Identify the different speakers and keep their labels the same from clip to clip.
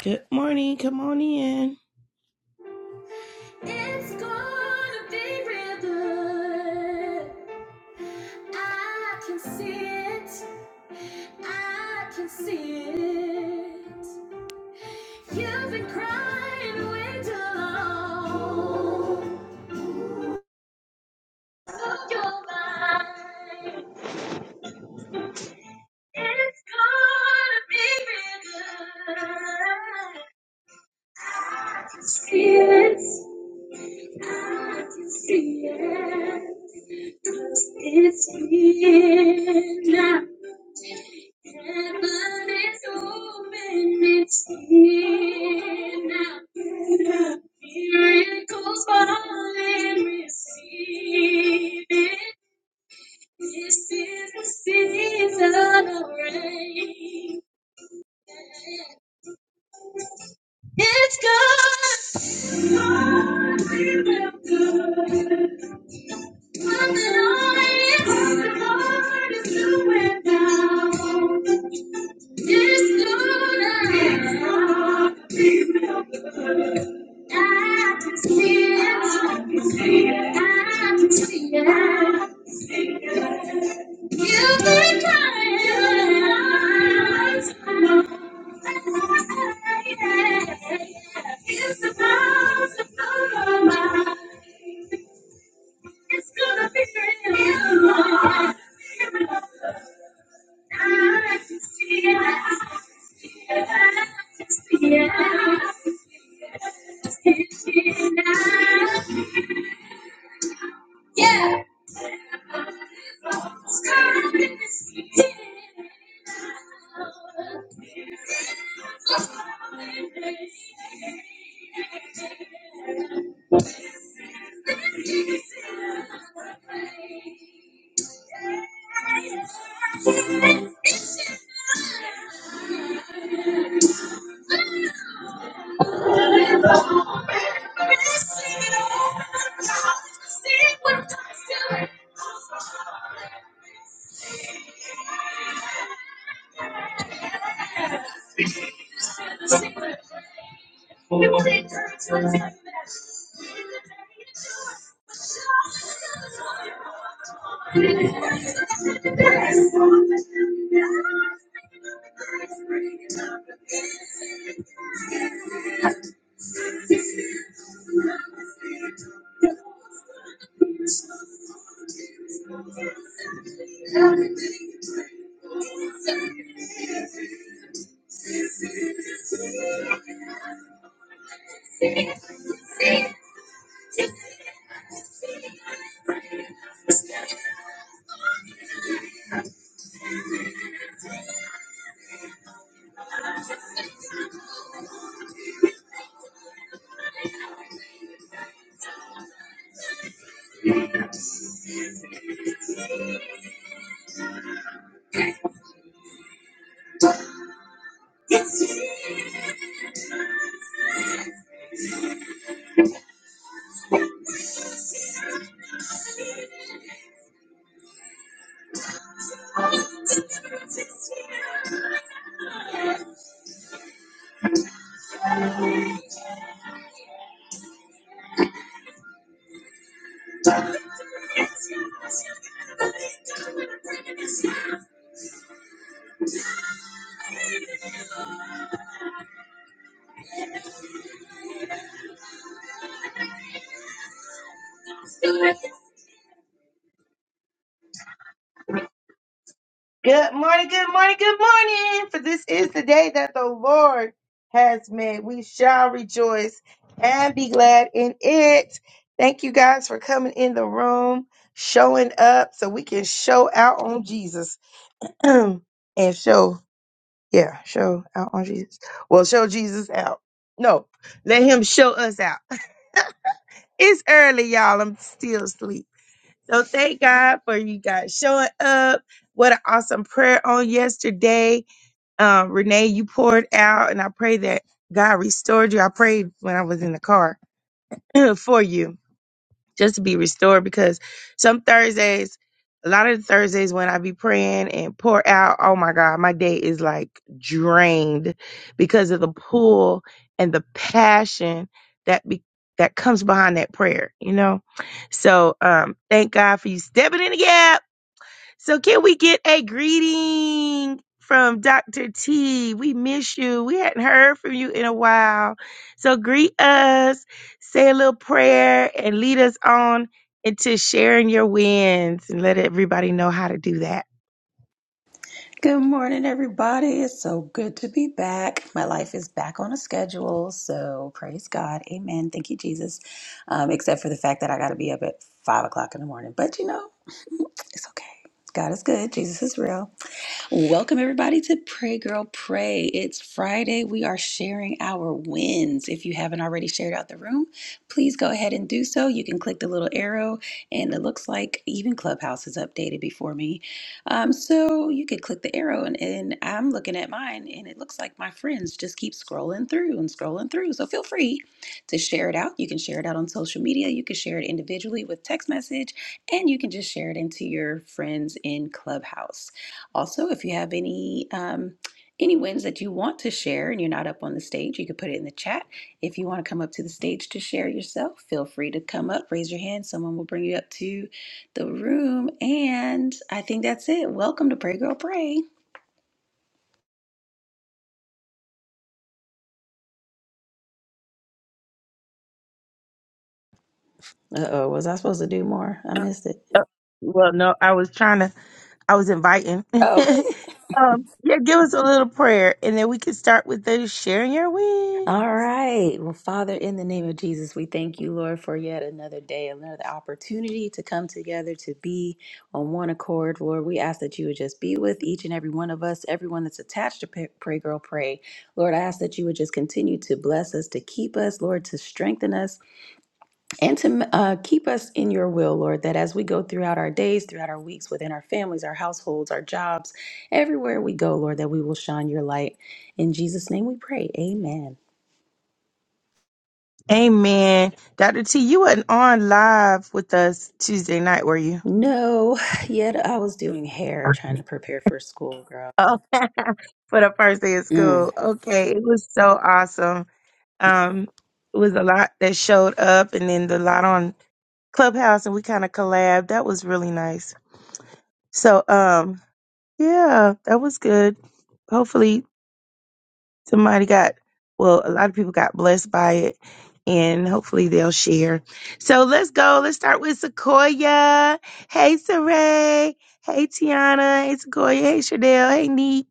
Speaker 1: Good morning. Come on in. It's gonna be real good. I can see it. I can see it. You've been crying way too long. Oh, you're mine. It's gonna be real good. I can see it. I can see it. It's here now. Heaven is open. It's here now. Miracles fall and receive it. This is the season of rain. It's God. Something always starts is doing now. Yeah. Good morning, good morning, good morning. For this is the day that the Lord has made. We shall rejoice and be glad in it. Thank you guys for coming in the room, showing up so we can show out on Jesus and show Yeah, show out on Jesus. Well, show Jesus out. No, let him show us out. it's early, y'all. I'm still asleep. So thank God for you guys showing up. What an awesome prayer on yesterday. Um, Renee, you poured out, and I pray that God restored you. I prayed when I was in the car for you just to be restored because some Thursdays, a lot of the Thursdays when I be praying and pour out, oh my God, my day is like drained because of the pull and the passion that be that comes behind that prayer, you know? So um thank God for you stepping in the gap. So can we get a greeting from Dr. T? We miss you. We hadn't heard from you in a while. So greet us, say a little prayer, and lead us on it's just sharing your wins and let everybody know how to do that.
Speaker 2: Good morning, everybody. It's so good to be back. My life is back on a schedule, so praise God. Amen. Thank you, Jesus. Um, except for the fact that I got to be up at five o'clock in the morning, but you know, it's okay. God is good. Jesus is real. Welcome, everybody, to Pray Girl Pray. It's Friday. We are sharing our wins. If you haven't already shared out the room, please go ahead and do so. You can click the little arrow, and it looks like even Clubhouse is updated before me. Um, so you could click the arrow, and, and I'm looking at mine, and it looks like my friends just keep scrolling through and scrolling through. So feel free to share it out. You can share it out on social media, you can share it individually with text message, and you can just share it into your friends in Clubhouse. Also, if you have any um, any wins that you want to share and you're not up on the stage, you can put it in the chat. If you want to come up to the stage to share yourself, feel free to come up, raise your hand. Someone will bring you up to the room. And I think that's it. Welcome to Pray Girl Pray. Uh oh, was I supposed to do more? I missed it.
Speaker 1: Uh, Well, no, I was trying to, I was inviting.
Speaker 2: Oh,
Speaker 1: um, yeah, give us a little prayer and then we can start with the sharing your wins.
Speaker 2: All right. Well, Father, in the name of Jesus, we thank you, Lord, for yet another day, another opportunity to come together, to be on one accord. Lord, we ask that you would just be with each and every one of us, everyone that's attached to Pray Pray Girl Pray. Lord, I ask that you would just continue to bless us, to keep us, Lord, to strengthen us, and to uh, keep us in your will, Lord, that as we go throughout our days, throughout our weeks, within our families, our households, our jobs, everywhere we go, Lord, that we will shine your light. In Jesus' name we pray. Amen.
Speaker 1: Amen. Dr. T, you weren't on live with us Tuesday night, were you?
Speaker 2: No, yet I was doing hair, trying to prepare for school, girl.
Speaker 1: Oh, for the first day of
Speaker 2: Mm.
Speaker 1: school. Okay, it was so awesome. Um, it was a lot that showed up, and then the lot on Clubhouse, and we kind of collabed. That was really nice. So, um, yeah, that was good. Hopefully, somebody got well a lot of people got blessed by it and hopefully they'll share so let's go let's start with sequoia hey saray hey tiana hey sequoia hey Shadell. hey neek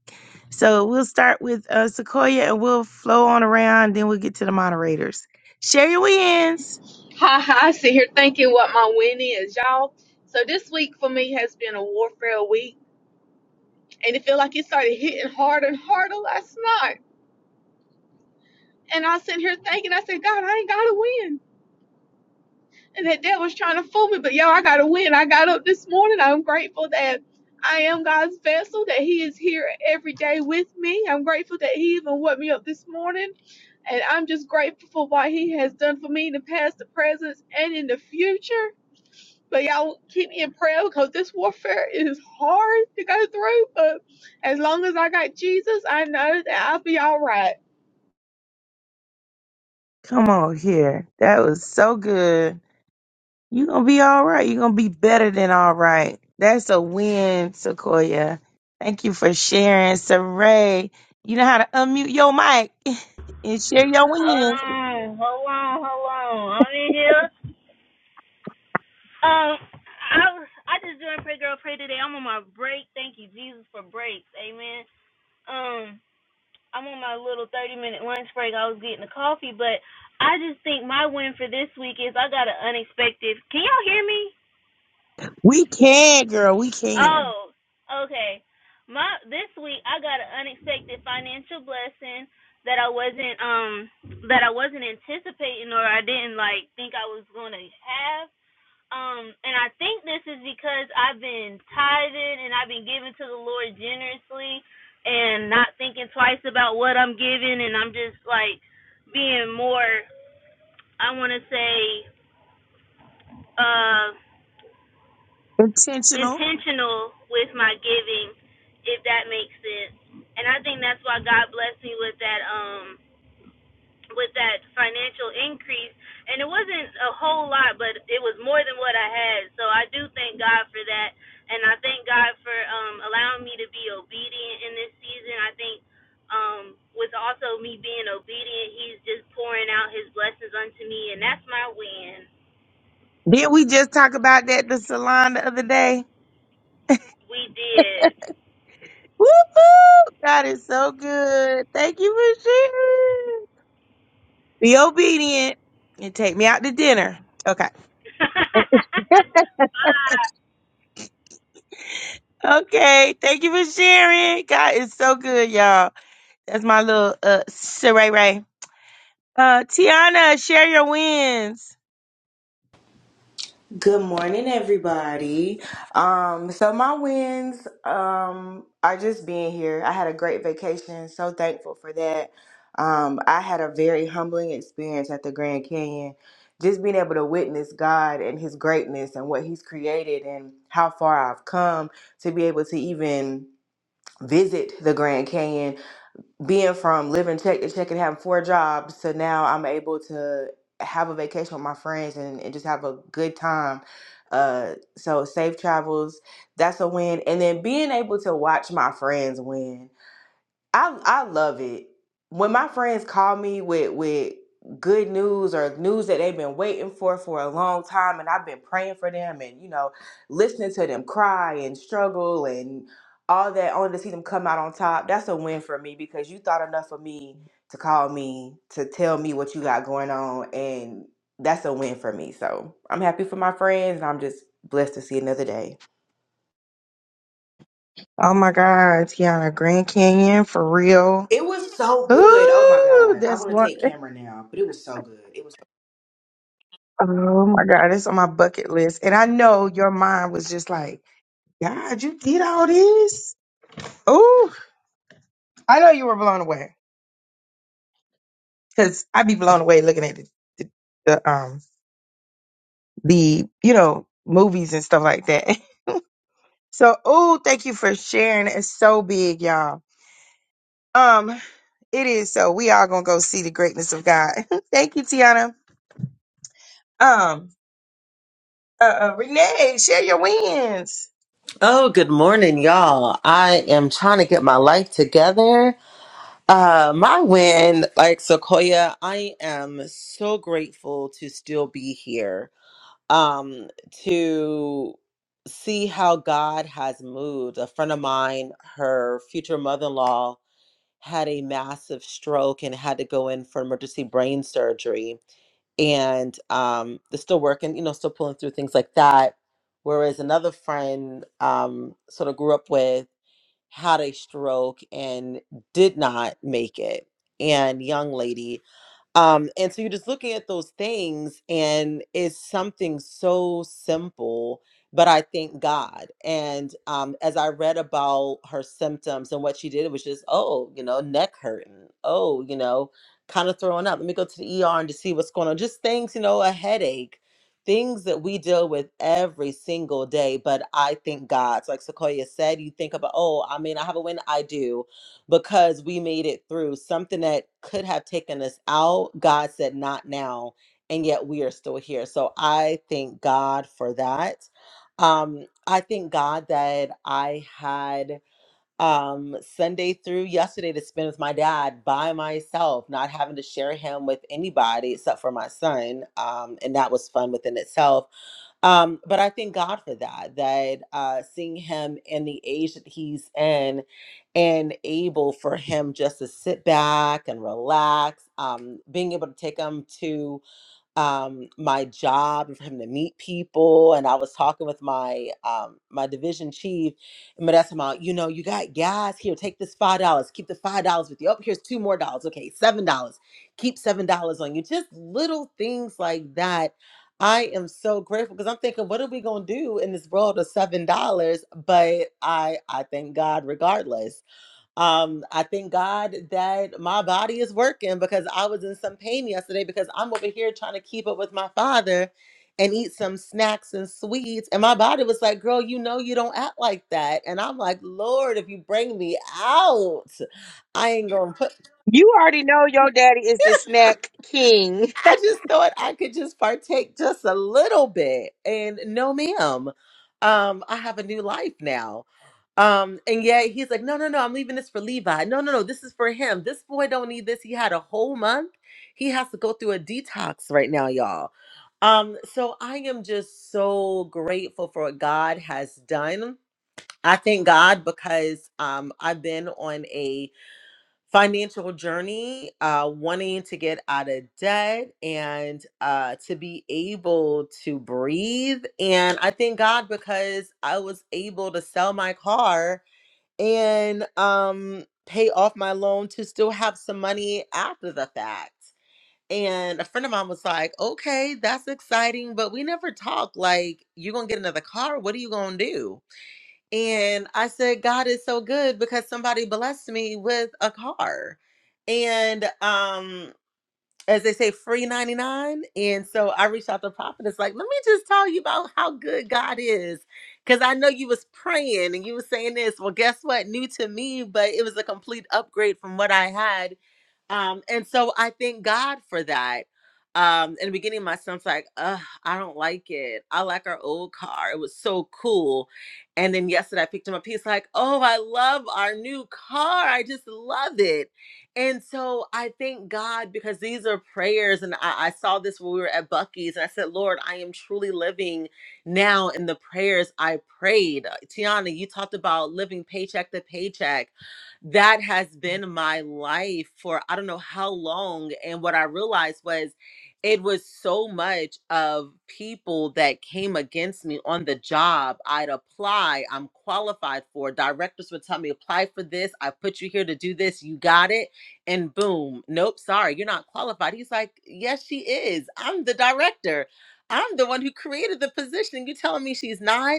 Speaker 1: so we'll start with uh, sequoia and we'll flow on around then we'll get to the moderators share your wins
Speaker 3: Ha ha, I sit here thinking what my win is, y'all. So this week for me has been a warfare week, and it feel like it started hitting harder and harder last night. And I sit here thinking, I said, God, I ain't got to win. And that devil's trying to fool me, but yo, I got to win. I got up this morning. I'm grateful that I am God's vessel, that He is here every day with me. I'm grateful that He even woke me up this morning. And I'm just grateful for what He has done for me in the past, the present, and in the future. But y'all keep me in prayer because this warfare is hard to go through. But as long as I got Jesus, I know that I'll be all right.
Speaker 1: come on here that was so good You're gonna be all right. You're gonna be better than all right. That's a win, Sequoia. Thank you for sharing, Saray. You know how to unmute your mic and share your
Speaker 4: Hold
Speaker 1: wins.
Speaker 4: on, hold on, hold on. I'm in here. Um, I I just joined Pray Girl Pray today. I'm on my break. Thank you, Jesus, for breaks. Amen. Um, I'm on my little 30 minute lunch break. I was getting a coffee, but I just think my win for this week is I got an unexpected. Can y'all hear me?
Speaker 1: We can, girl. We can.
Speaker 4: Oh, okay. My this week I got an unexpected financial blessing that I wasn't um that I wasn't anticipating or I didn't like think I was going to have Um, and I think this is because I've been tithing and I've been giving to the Lord generously and not thinking twice about what I'm giving and I'm just like being more I wanna say uh
Speaker 1: Intentional.
Speaker 4: intentional with my giving, if that makes sense. And I think that's why God blessed me with that um with that financial increase and it wasn't a whole lot but it was more than what I had so I do thank God for that and I thank God for um allowing me to be obedient in this season I think um with also me being obedient he's just pouring out his blessings unto me and that's my win
Speaker 1: Didn't we just talk about that at the salon the other day?
Speaker 4: we did
Speaker 1: Woo woo! God is so good. Thank you for sharing. Be obedient and take me out to dinner. Okay.
Speaker 4: Bye.
Speaker 1: Okay. Thank you for sharing. God is so good, y'all. That's my little uh Saray Ray. Uh Tiana, share your wins.
Speaker 5: Good morning, everybody. Um, so my wins um, are just being here. I had a great vacation, so thankful for that. Um, I had a very humbling experience at the Grand Canyon, just being able to witness God and His greatness and what He's created and how far I've come to be able to even visit the Grand Canyon being from living check to check and having four jobs to now I'm able to have a vacation with my friends and, and just have a good time. Uh, so safe travels, that's a win. And then being able to watch my friends win I I love it when my friends call me with with good news or news that they've been waiting for for a long time, and I've been praying for them, and you know, listening to them cry and struggle and all that, only to see them come out on top. That's a win for me because you thought enough of me to call me to tell me what you got going on, and that's a win for me. So I'm happy for my friends, and I'm just blessed to see another day.
Speaker 1: Oh my God, Tiana, Grand Canyon for real.
Speaker 5: It was so good. Oh my
Speaker 1: Ooh,
Speaker 5: god, I
Speaker 1: that's
Speaker 5: want to
Speaker 1: one.
Speaker 5: take camera now, but it was so good. It was.
Speaker 1: Oh my God, that's on my bucket list. And I know your mind was just like, God, you did all this. Ooh, I know you were blown away because I'd be blown away looking at the, the, the um the you know movies and stuff like that. So, ooh, thank you for sharing. It's so big, y'all. Um, it is so. We all gonna go see the greatness of God. thank you, Tiana. Um, uh, uh Renee, share your wins.
Speaker 6: Oh, good morning, y'all. I am trying to get my life together. Uh, my win, like Sequoia, I am so grateful to still be here. Um, to see how God has moved. A friend of mine, her future mother in law, had a massive stroke and had to go in for emergency brain surgery and um they're still working you know still pulling through things like that whereas another friend um sort of grew up with had a stroke and did not make it and young lady um, and so you're just looking at those things, and it's something so simple, but I thank God. And um, as I read about her symptoms and what she did, it was just, oh, you know, neck hurting, oh, you know, kind of throwing up. Let me go to the ER and to see what's going on. Just things, you know, a headache, things that we deal with every single day. But I thank God. So like Sequoia said, you think about, oh, I mean, I have a win, I do because we made it through something that could have taken us out. God said, not now. And yet we are still here. So I thank God for that. Um, I thank God that I had um Sunday through yesterday to spend with my dad by myself, not having to share him with anybody except for my son. Um, and that was fun within itself um, but I thank God for that, that uh, seeing him in the age that he's in and able for him just to sit back and relax, um, being able to take him to um, my job and for him to meet people. And I was talking with my um, my division chief, and that's about you know you got gas here. Take this five dollars. Keep the five dollars with you. Oh, here's two more dollars. Okay, seven dollars. Keep seven dollars on you. Just little things like that. I am so grateful because I'm thinking, what are we gonna do in this world of seven dollars? But I I thank God regardless um, I thank God that my body is working because I was in some pain yesterday because I'm over here trying to keep up with my father and eat some snacks and sweets. And my body was like, Girl, you know you don't act like that. And I'm like, Lord, if you bring me out, I ain't gonna put
Speaker 1: You already know your daddy is the snack king.
Speaker 6: I just thought I could just partake just a little bit. And no ma'am. Um, I have a new life now Um, and yet he's like, no, no, no, I'm leaving this for Levi. No, no, no, this is for him. This boy don't need this. He had a whole month. He has to go through a detox right now, y'all. Um, so I am just so grateful for what God has done. I thank God because um I've been on a financial journey, uh, wanting to get out of debt and uh to be able to breathe. And I thank God because I was able to sell my car and um pay off my loan to still have some money after the fact. And a friend of mine was like, "Okay, that's exciting, but we never talk like you're going to get another car. What are you going to do?" And I said, "God is so good because somebody blessed me with a car." And um as they say, free 99. And so I reached out to Prophet. It's like, let me just tell you about how good God is. Because I know you was praying and you was saying this. Well, guess what? New to me, but it was a complete upgrade from what I had um, and so I thank God for that. Um, in the beginning, my son's like, Ugh, I don't like it. I like our old car. It was so cool. And then yesterday I picked him up. He's like, Oh, I love our new car. I just love it. And so I thank God because these are prayers. And I, I saw this when we were at Bucky's. And I said, Lord, I am truly living now in the prayers I prayed. Tiana, you talked about living paycheck to paycheck that has been my life for I don't know how long. And what I realized was it was so much of people that came against me on the job. I'd apply, I'm qualified for. Directors would tell me, apply for this. I put you here to do this. You got it. And boom, nope, sorry, you're not qualified. He's like, yes, she is. I'm the director. I'm the one who created the position. You are telling me she's not?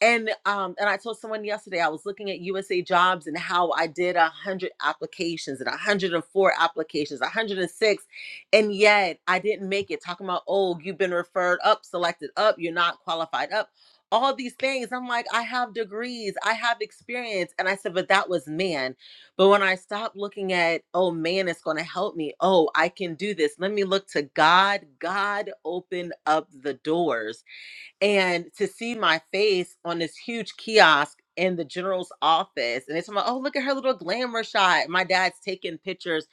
Speaker 6: and um and i told someone yesterday i was looking at usa jobs and how i did a 100 applications and a 104 applications a 106 and six, and yet i didn't make it talking about oh you've been referred up selected up you're not qualified up all these things i'm like i have degrees i have experience and i said but that was man but when i stopped looking at oh man it's going to help me oh i can do this let me look to god god opened up the doors and to see my face on this huge kiosk in the general's office and it's like oh look at her little glamour shot my dad's taking pictures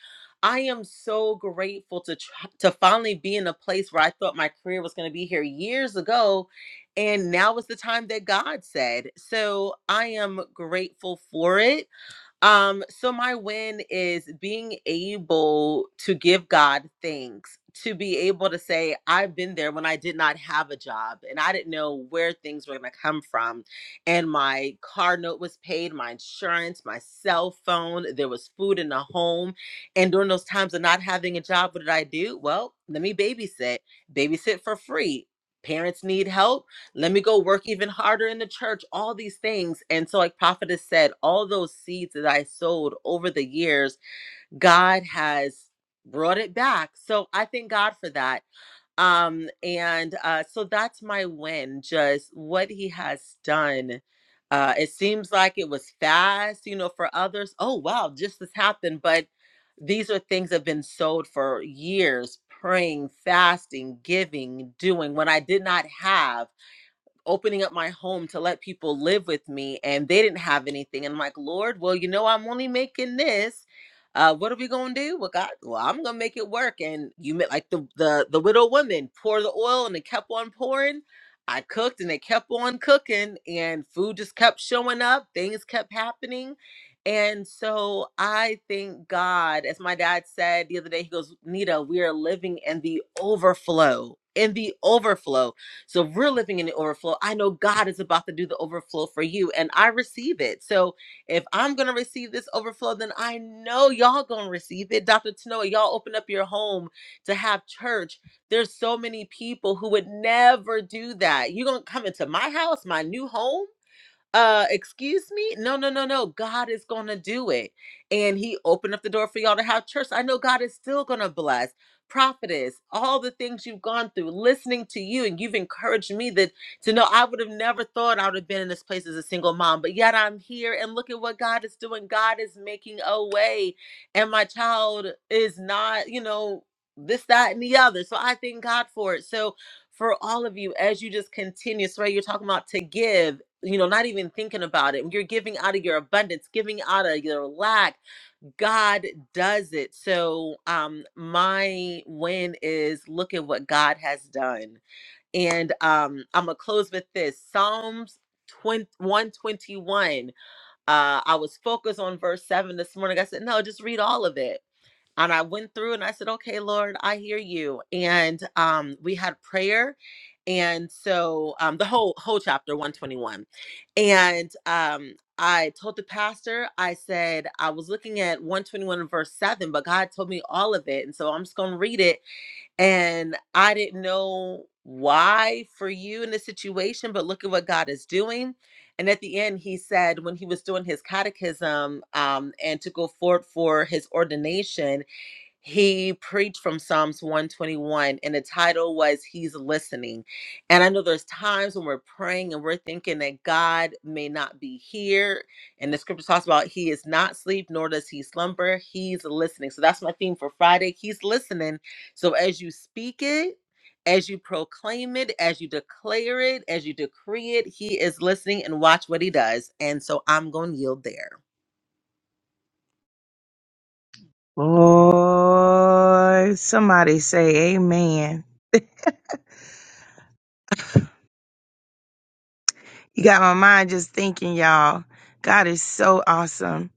Speaker 6: i am so grateful to try, to finally be in a place where i thought my career was going to be here years ago and now is the time that god said so i am grateful for it um, so my win is being able to give God thanks, to be able to say, I've been there when I did not have a job and I didn't know where things were gonna come from. And my car note was paid, my insurance, my cell phone, there was food in the home. And during those times of not having a job, what did I do? Well, let me babysit, babysit for free. Parents need help let me go work even harder in the church all these things and so like prophetess said all those seeds that i sowed over the years god has brought it back so i thank god for that um and uh so that's my win just what he has done uh it seems like it was fast you know for others oh wow just this happened but these are things that have been sowed for years praying fasting giving doing when i did not have opening up my home to let people live with me and they didn't have anything and i'm like lord well you know i'm only making this uh what are we gonna do well god well i'm gonna make it work and you met like the the the widow woman pour the oil and it kept on pouring i cooked and it kept on cooking and food just kept showing up things kept happening and so I thank God, as my dad said the other day, he goes, Nita, we are living in the overflow, in the overflow so if we're living in the overflow, I know God is about to do the overflow for you, and I receive it. So if I'm gonna receive this overflow, then I know y'all gonna receive it. Dr. Tanoa, y'all open up your home to have church. There's so many people who would never do that. You're gonna come into my house, my new home uh excuse me no no no no god is gonna do it and he opened up the door for y'all to have church i know god is still gonna bless prophetess all the things you've gone through listening to you and you've encouraged me that to know i would have never thought i would have been in this place as a single mom but yet i'm here and look at what god is doing god is making a way and my child is not you know this that and the other so i thank god for it so for all of you as you just continue. So you're talking about to give, you know, not even thinking about it. You're giving out of your abundance, giving out of your lack. God does it. So um my win is look at what God has done. And um I'm gonna close with this. Psalms twenty one twenty one. Uh I was focused on verse 7 this morning. I said, no, just read all of it and I went through and I said, "Okay, Lord, I hear you." And um, we had prayer, and so um, the whole whole chapter one twenty one, and um, I told the pastor, I said I was looking at one twenty one verse seven, but God told me all of it, and so I'm just gonna read it. And I didn't know why for you in this situation, but look at what God is doing. And at the end, he said, when he was doing his catechism um, and to go forward for his ordination, he preached from Psalms 121 and the title was He's Listening. And I know there's times when we're praying and we're thinking that God may not be here. And the scripture talks about He is not sleep, nor does He slumber. He's listening. So that's my theme for Friday. He's listening. So as you speak it, as you proclaim it, as you declare it, as you decree it, He is listening and watch what He does. And so I'm going to yield there.
Speaker 1: Boy, somebody say amen. You got my mind just thinking, y'all. God is so awesome.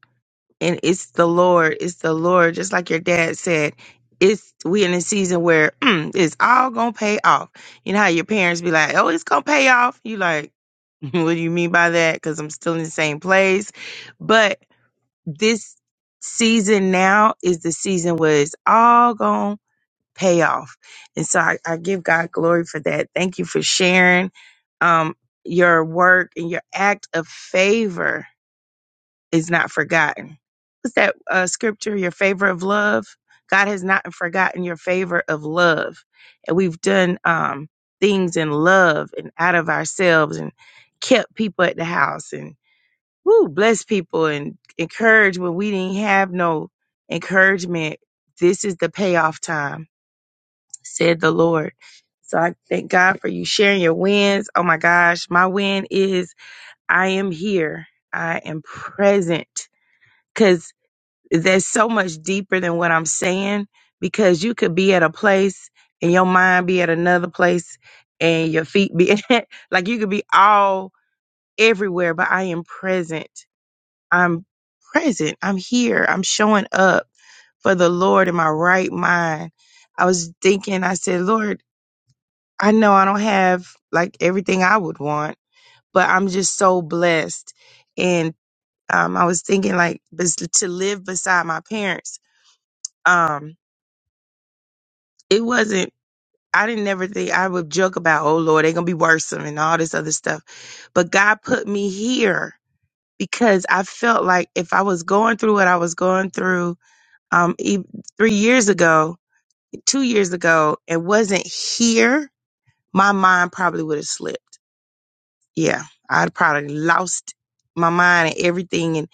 Speaker 1: And it's the Lord. It's the Lord. Just like your dad said, it's we in a season where mm, it's all gonna pay off. You know how your parents be like, oh, it's gonna pay off. You like, what do you mean by that? Because I'm still in the same place. but. this season now is the season where it's all going to pay off. And so I, I give God glory for that. Thank you for sharing um, your work and your act of favor is not forgotten. What's that uh, scripture? Your favor of love. God has not forgotten your favor of love. And we've done um, things in love and out of ourselves and kept people at the house and woo, bless people and encourage when we didn't have no encouragement. This is the payoff time, said the Lord. So I thank God for you sharing your wins. Oh my gosh, my win is I am here. I am present because there's so much deeper than what I'm saying because you could be at a place and your mind be at another place and your feet be like you could be all everywhere, but I am present I'm present. I'm here. I'm showing up for the Lord in my right mind. I was thinking, I said, Lord, I know I don't have like everything I would want, but I'm just so blessed. And um, I was thinking, like, bes- to live beside my parents. Um, it wasn't. I didn't never think I would joke about, oh Lord, they're gonna be worrisome and all this other stuff. But God put me here because I felt like if I was going through what I was going through, um e- three years ago, two years ago, and wasn't here, my mind probably would have slipped. Yeah, I'd probably lost my mind and everything, and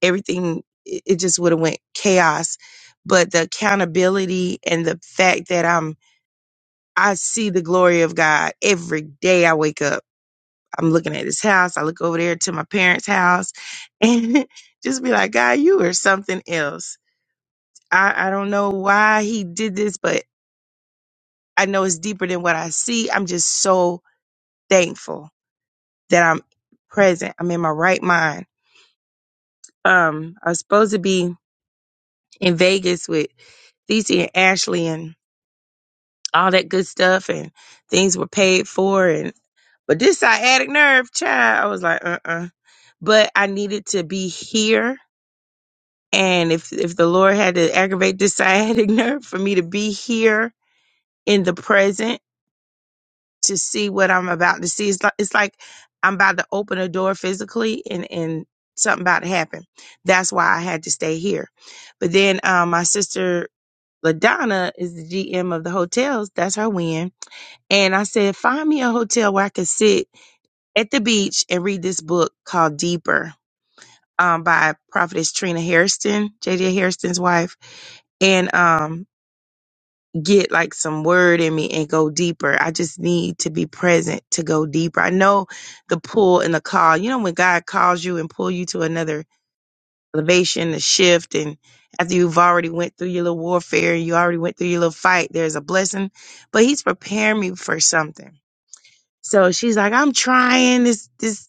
Speaker 1: everything it it just would have went chaos. But the accountability and the fact that I'm I see the glory of God every day I wake up. I'm looking at this house. I look over there to my parents' house, and just be like, God, you are something else. I, I don't know why he did this, but I know it's deeper than what I see. I'm just so thankful that I'm present. I'm in my right mind. Um, I was supposed to be in Vegas with Thesey and Ashley and all that good stuff, and things were paid for. And but this sciatic nerve, child, I was like, uh, uh But I needed to be here, and if if the Lord had to aggravate this sciatic nerve for me to be here in the present to see what I'm about to see. It's like, it's like I'm about to open a door physically and, and something about to happen. That's why I had to stay here. But then um, my sister LaDonna is the GM of the hotels. That's her win. And I said, find me a hotel where I can sit at the beach and read this book called Deeper um, by prophetess Trina Hairston, JJ Hairston's wife. And um, get like some word in me and go deeper. I just need to be present to go deeper. I know the pull and the call. You know when God calls you and pull you to another elevation, a shift, and after you've already went through your little warfare, you already went through your little fight. There's a blessing, but He's preparing me for something. So she's like, I'm trying this. This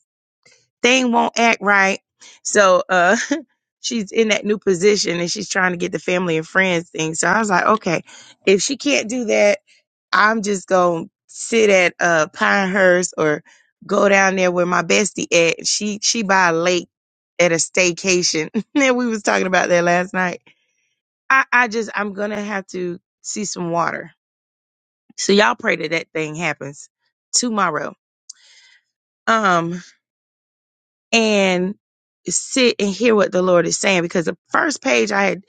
Speaker 1: thing won't act right. So uh, she's in that new position and she's trying to get the family and friends thing. So I was like, okay, if she can't do that I'm just gonna sit at uh Pinehurst or go down there where my bestie at. She she by a lake at a staycation. and we was talking about that last night. I, I just I'm gonna have to see some water. So y'all pray that that thing happens tomorrow. Um and sit and hear what the Lord is saying because the first page I had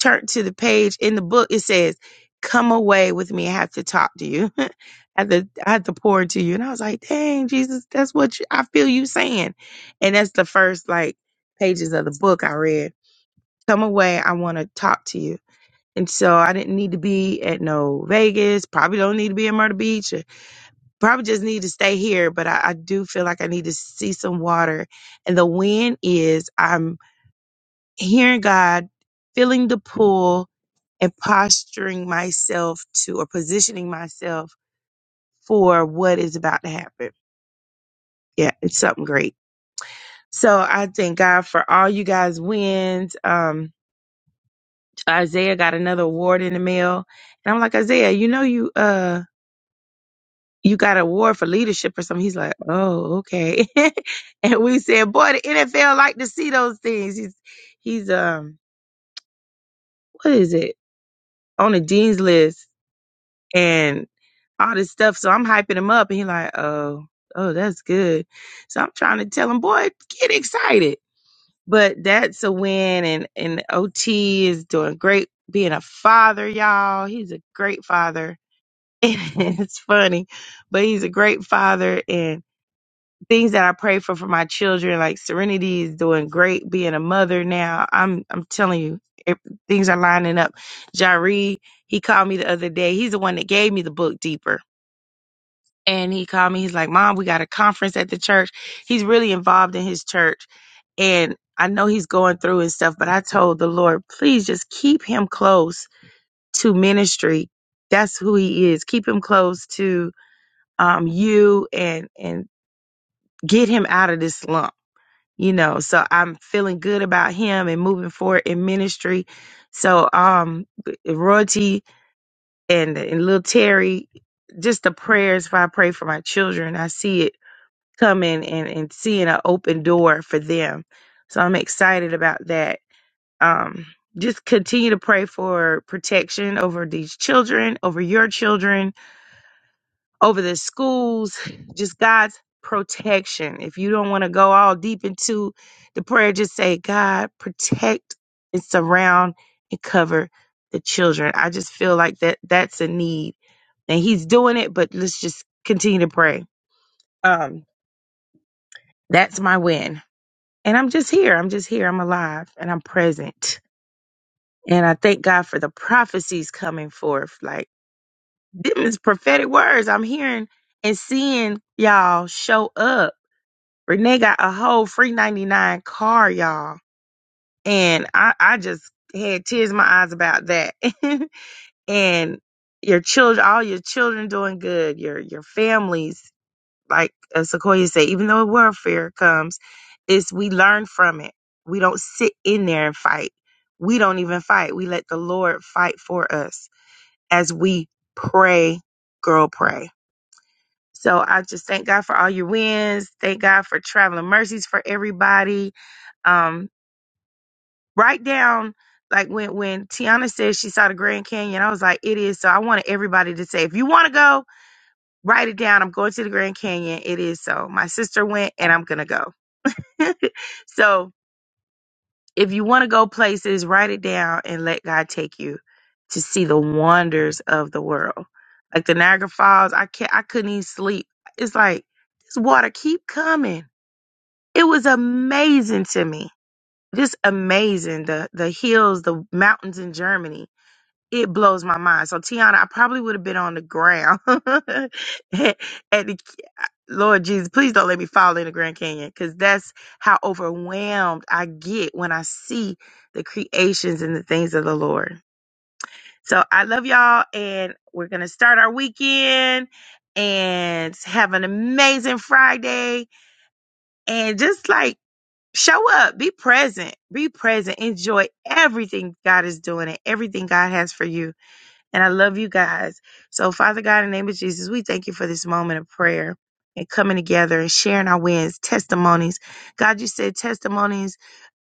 Speaker 1: turned to the page in the book, it says, Come away with me. I have to talk to you. I have to, I have to pour into you. And I was like, dang, Jesus, that's what you, I feel you saying. And that's the first like pages of the book I read. Come away. I want to talk to you. And so I didn't need to be at no Vegas, probably don't need to be in Myrtle Beach, or probably just need to stay here. But I, I do feel like I need to see some water. And the wind is, I'm hearing God, feeling the pull, and posturing myself to or positioning myself for what is about to happen. Yeah, it's something great. So I thank God for all you guys' wins. Um, Isaiah got another award in the mail, and I'm like Isaiah, you know you uh you got an award for leadership or something. He's like, oh okay, and we said, boy, the NFL like to see those things. He's he's um what is it on the dean's list? and all this stuff. So I'm hyping him up, and he like, oh, oh, that's good. So I'm trying to tell him, boy, get excited. But that's a win, and and OT is doing great, being a father, y'all. He's a great father. And it's funny, but he's a great father, and things that I pray for for my children, like Serenity is doing great, being a mother now. I'm I'm telling you, if things are lining up. Jaree, he called me the other day. He's the one that gave me the book deeper and he called me. He's like, Mom, we got a conference at the church. He's really involved in his church. And I know he's going through and stuff, but I told the Lord, please just keep him close to ministry. That's who he is. Keep him close to um, you and and get him out of this slump. You know, so I'm feeling good about him and moving forward in ministry. So um royalty and and little Terry, just the prayers if I pray for my children, I see it coming and, and seeing an open door for them. So I'm excited about that. Um, just continue to pray for protection over these children, over your children, over the schools, just God's protection. If you don't want to go all deep into the prayer, just say, God, protect and surround and cover the children. I just feel like that that's a need. And he's doing it, but let's just continue to pray. Um, that's my win. And I'm just here. I'm just here. I'm alive and I'm present. And I thank God for the prophecies coming forth. Like, them is prophetic words I'm hearing and seeing y'all show up. Renee got a whole free 99 car, y'all. And I, I just had tears in my eyes about that. and your children, all your children doing good, your, your families. like uh, Sequoia said, even though warfare comes, is we learn from it. We don't sit in there and fight. We don't even fight. We let the Lord fight for us as we pray, girl, pray. So I just thank God for all your wins. Thank God for traveling mercies for everybody. Um, write down like when when Tiana said she saw the Grand Canyon, I was like, it is so. I wanted everybody to say, if you want to go, write it down. I'm going to the Grand Canyon. It is so. My sister went, and I'm gonna go. so if you want to go places, write it down and let God take you to see the wonders of the world. Like the Niagara Falls, I can't I couldn't even sleep. It's like this water keep coming. It was amazing to me. Just amazing. The the hills, the mountains in Germany it blows my mind. So Tiana, I probably would have been on the ground. at the, Lord Jesus, please don't let me fall in the Grand Canyon because that's how overwhelmed I get when I see the creations and the things of the Lord. So I love y'all, and we're gonna start our weekend and have an amazing Friday, and just like. Show up, be present, be present, enjoy everything God is doing and everything God has for you and I love you guys. So, Father God, in the name of Jesus, we thank you for this moment of prayer and coming together and sharing our wins, testimonies. God, you said testimonies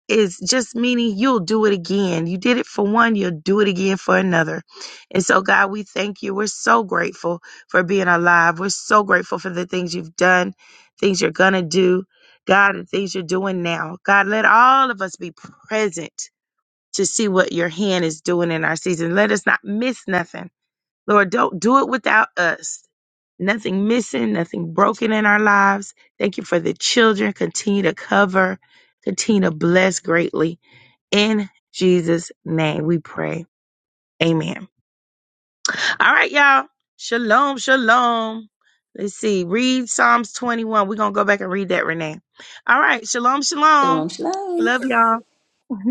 Speaker 1: is just meaning you'll do it again. You did it for one, you'll do it again for another. And so, God, we thank you. We're so grateful for being alive. We're so grateful for the things you've done, things you're going to do, God, and things you're doing now. God, let all of us be present to see what your hand is doing in our season. Let us not miss nothing. Lord, don't do it without us. Nothing missing, nothing broken in our lives. Thank you for the children. Continue to cover, continue to bless greatly. In Jesus' name we pray. Amen. All right, y'all. Shalom, shalom. Let's see. Read Psalms 21. We're going to go back and read that, Renee. All right. Shalom, shalom.
Speaker 2: Shalom, shalom.
Speaker 1: Love y'all.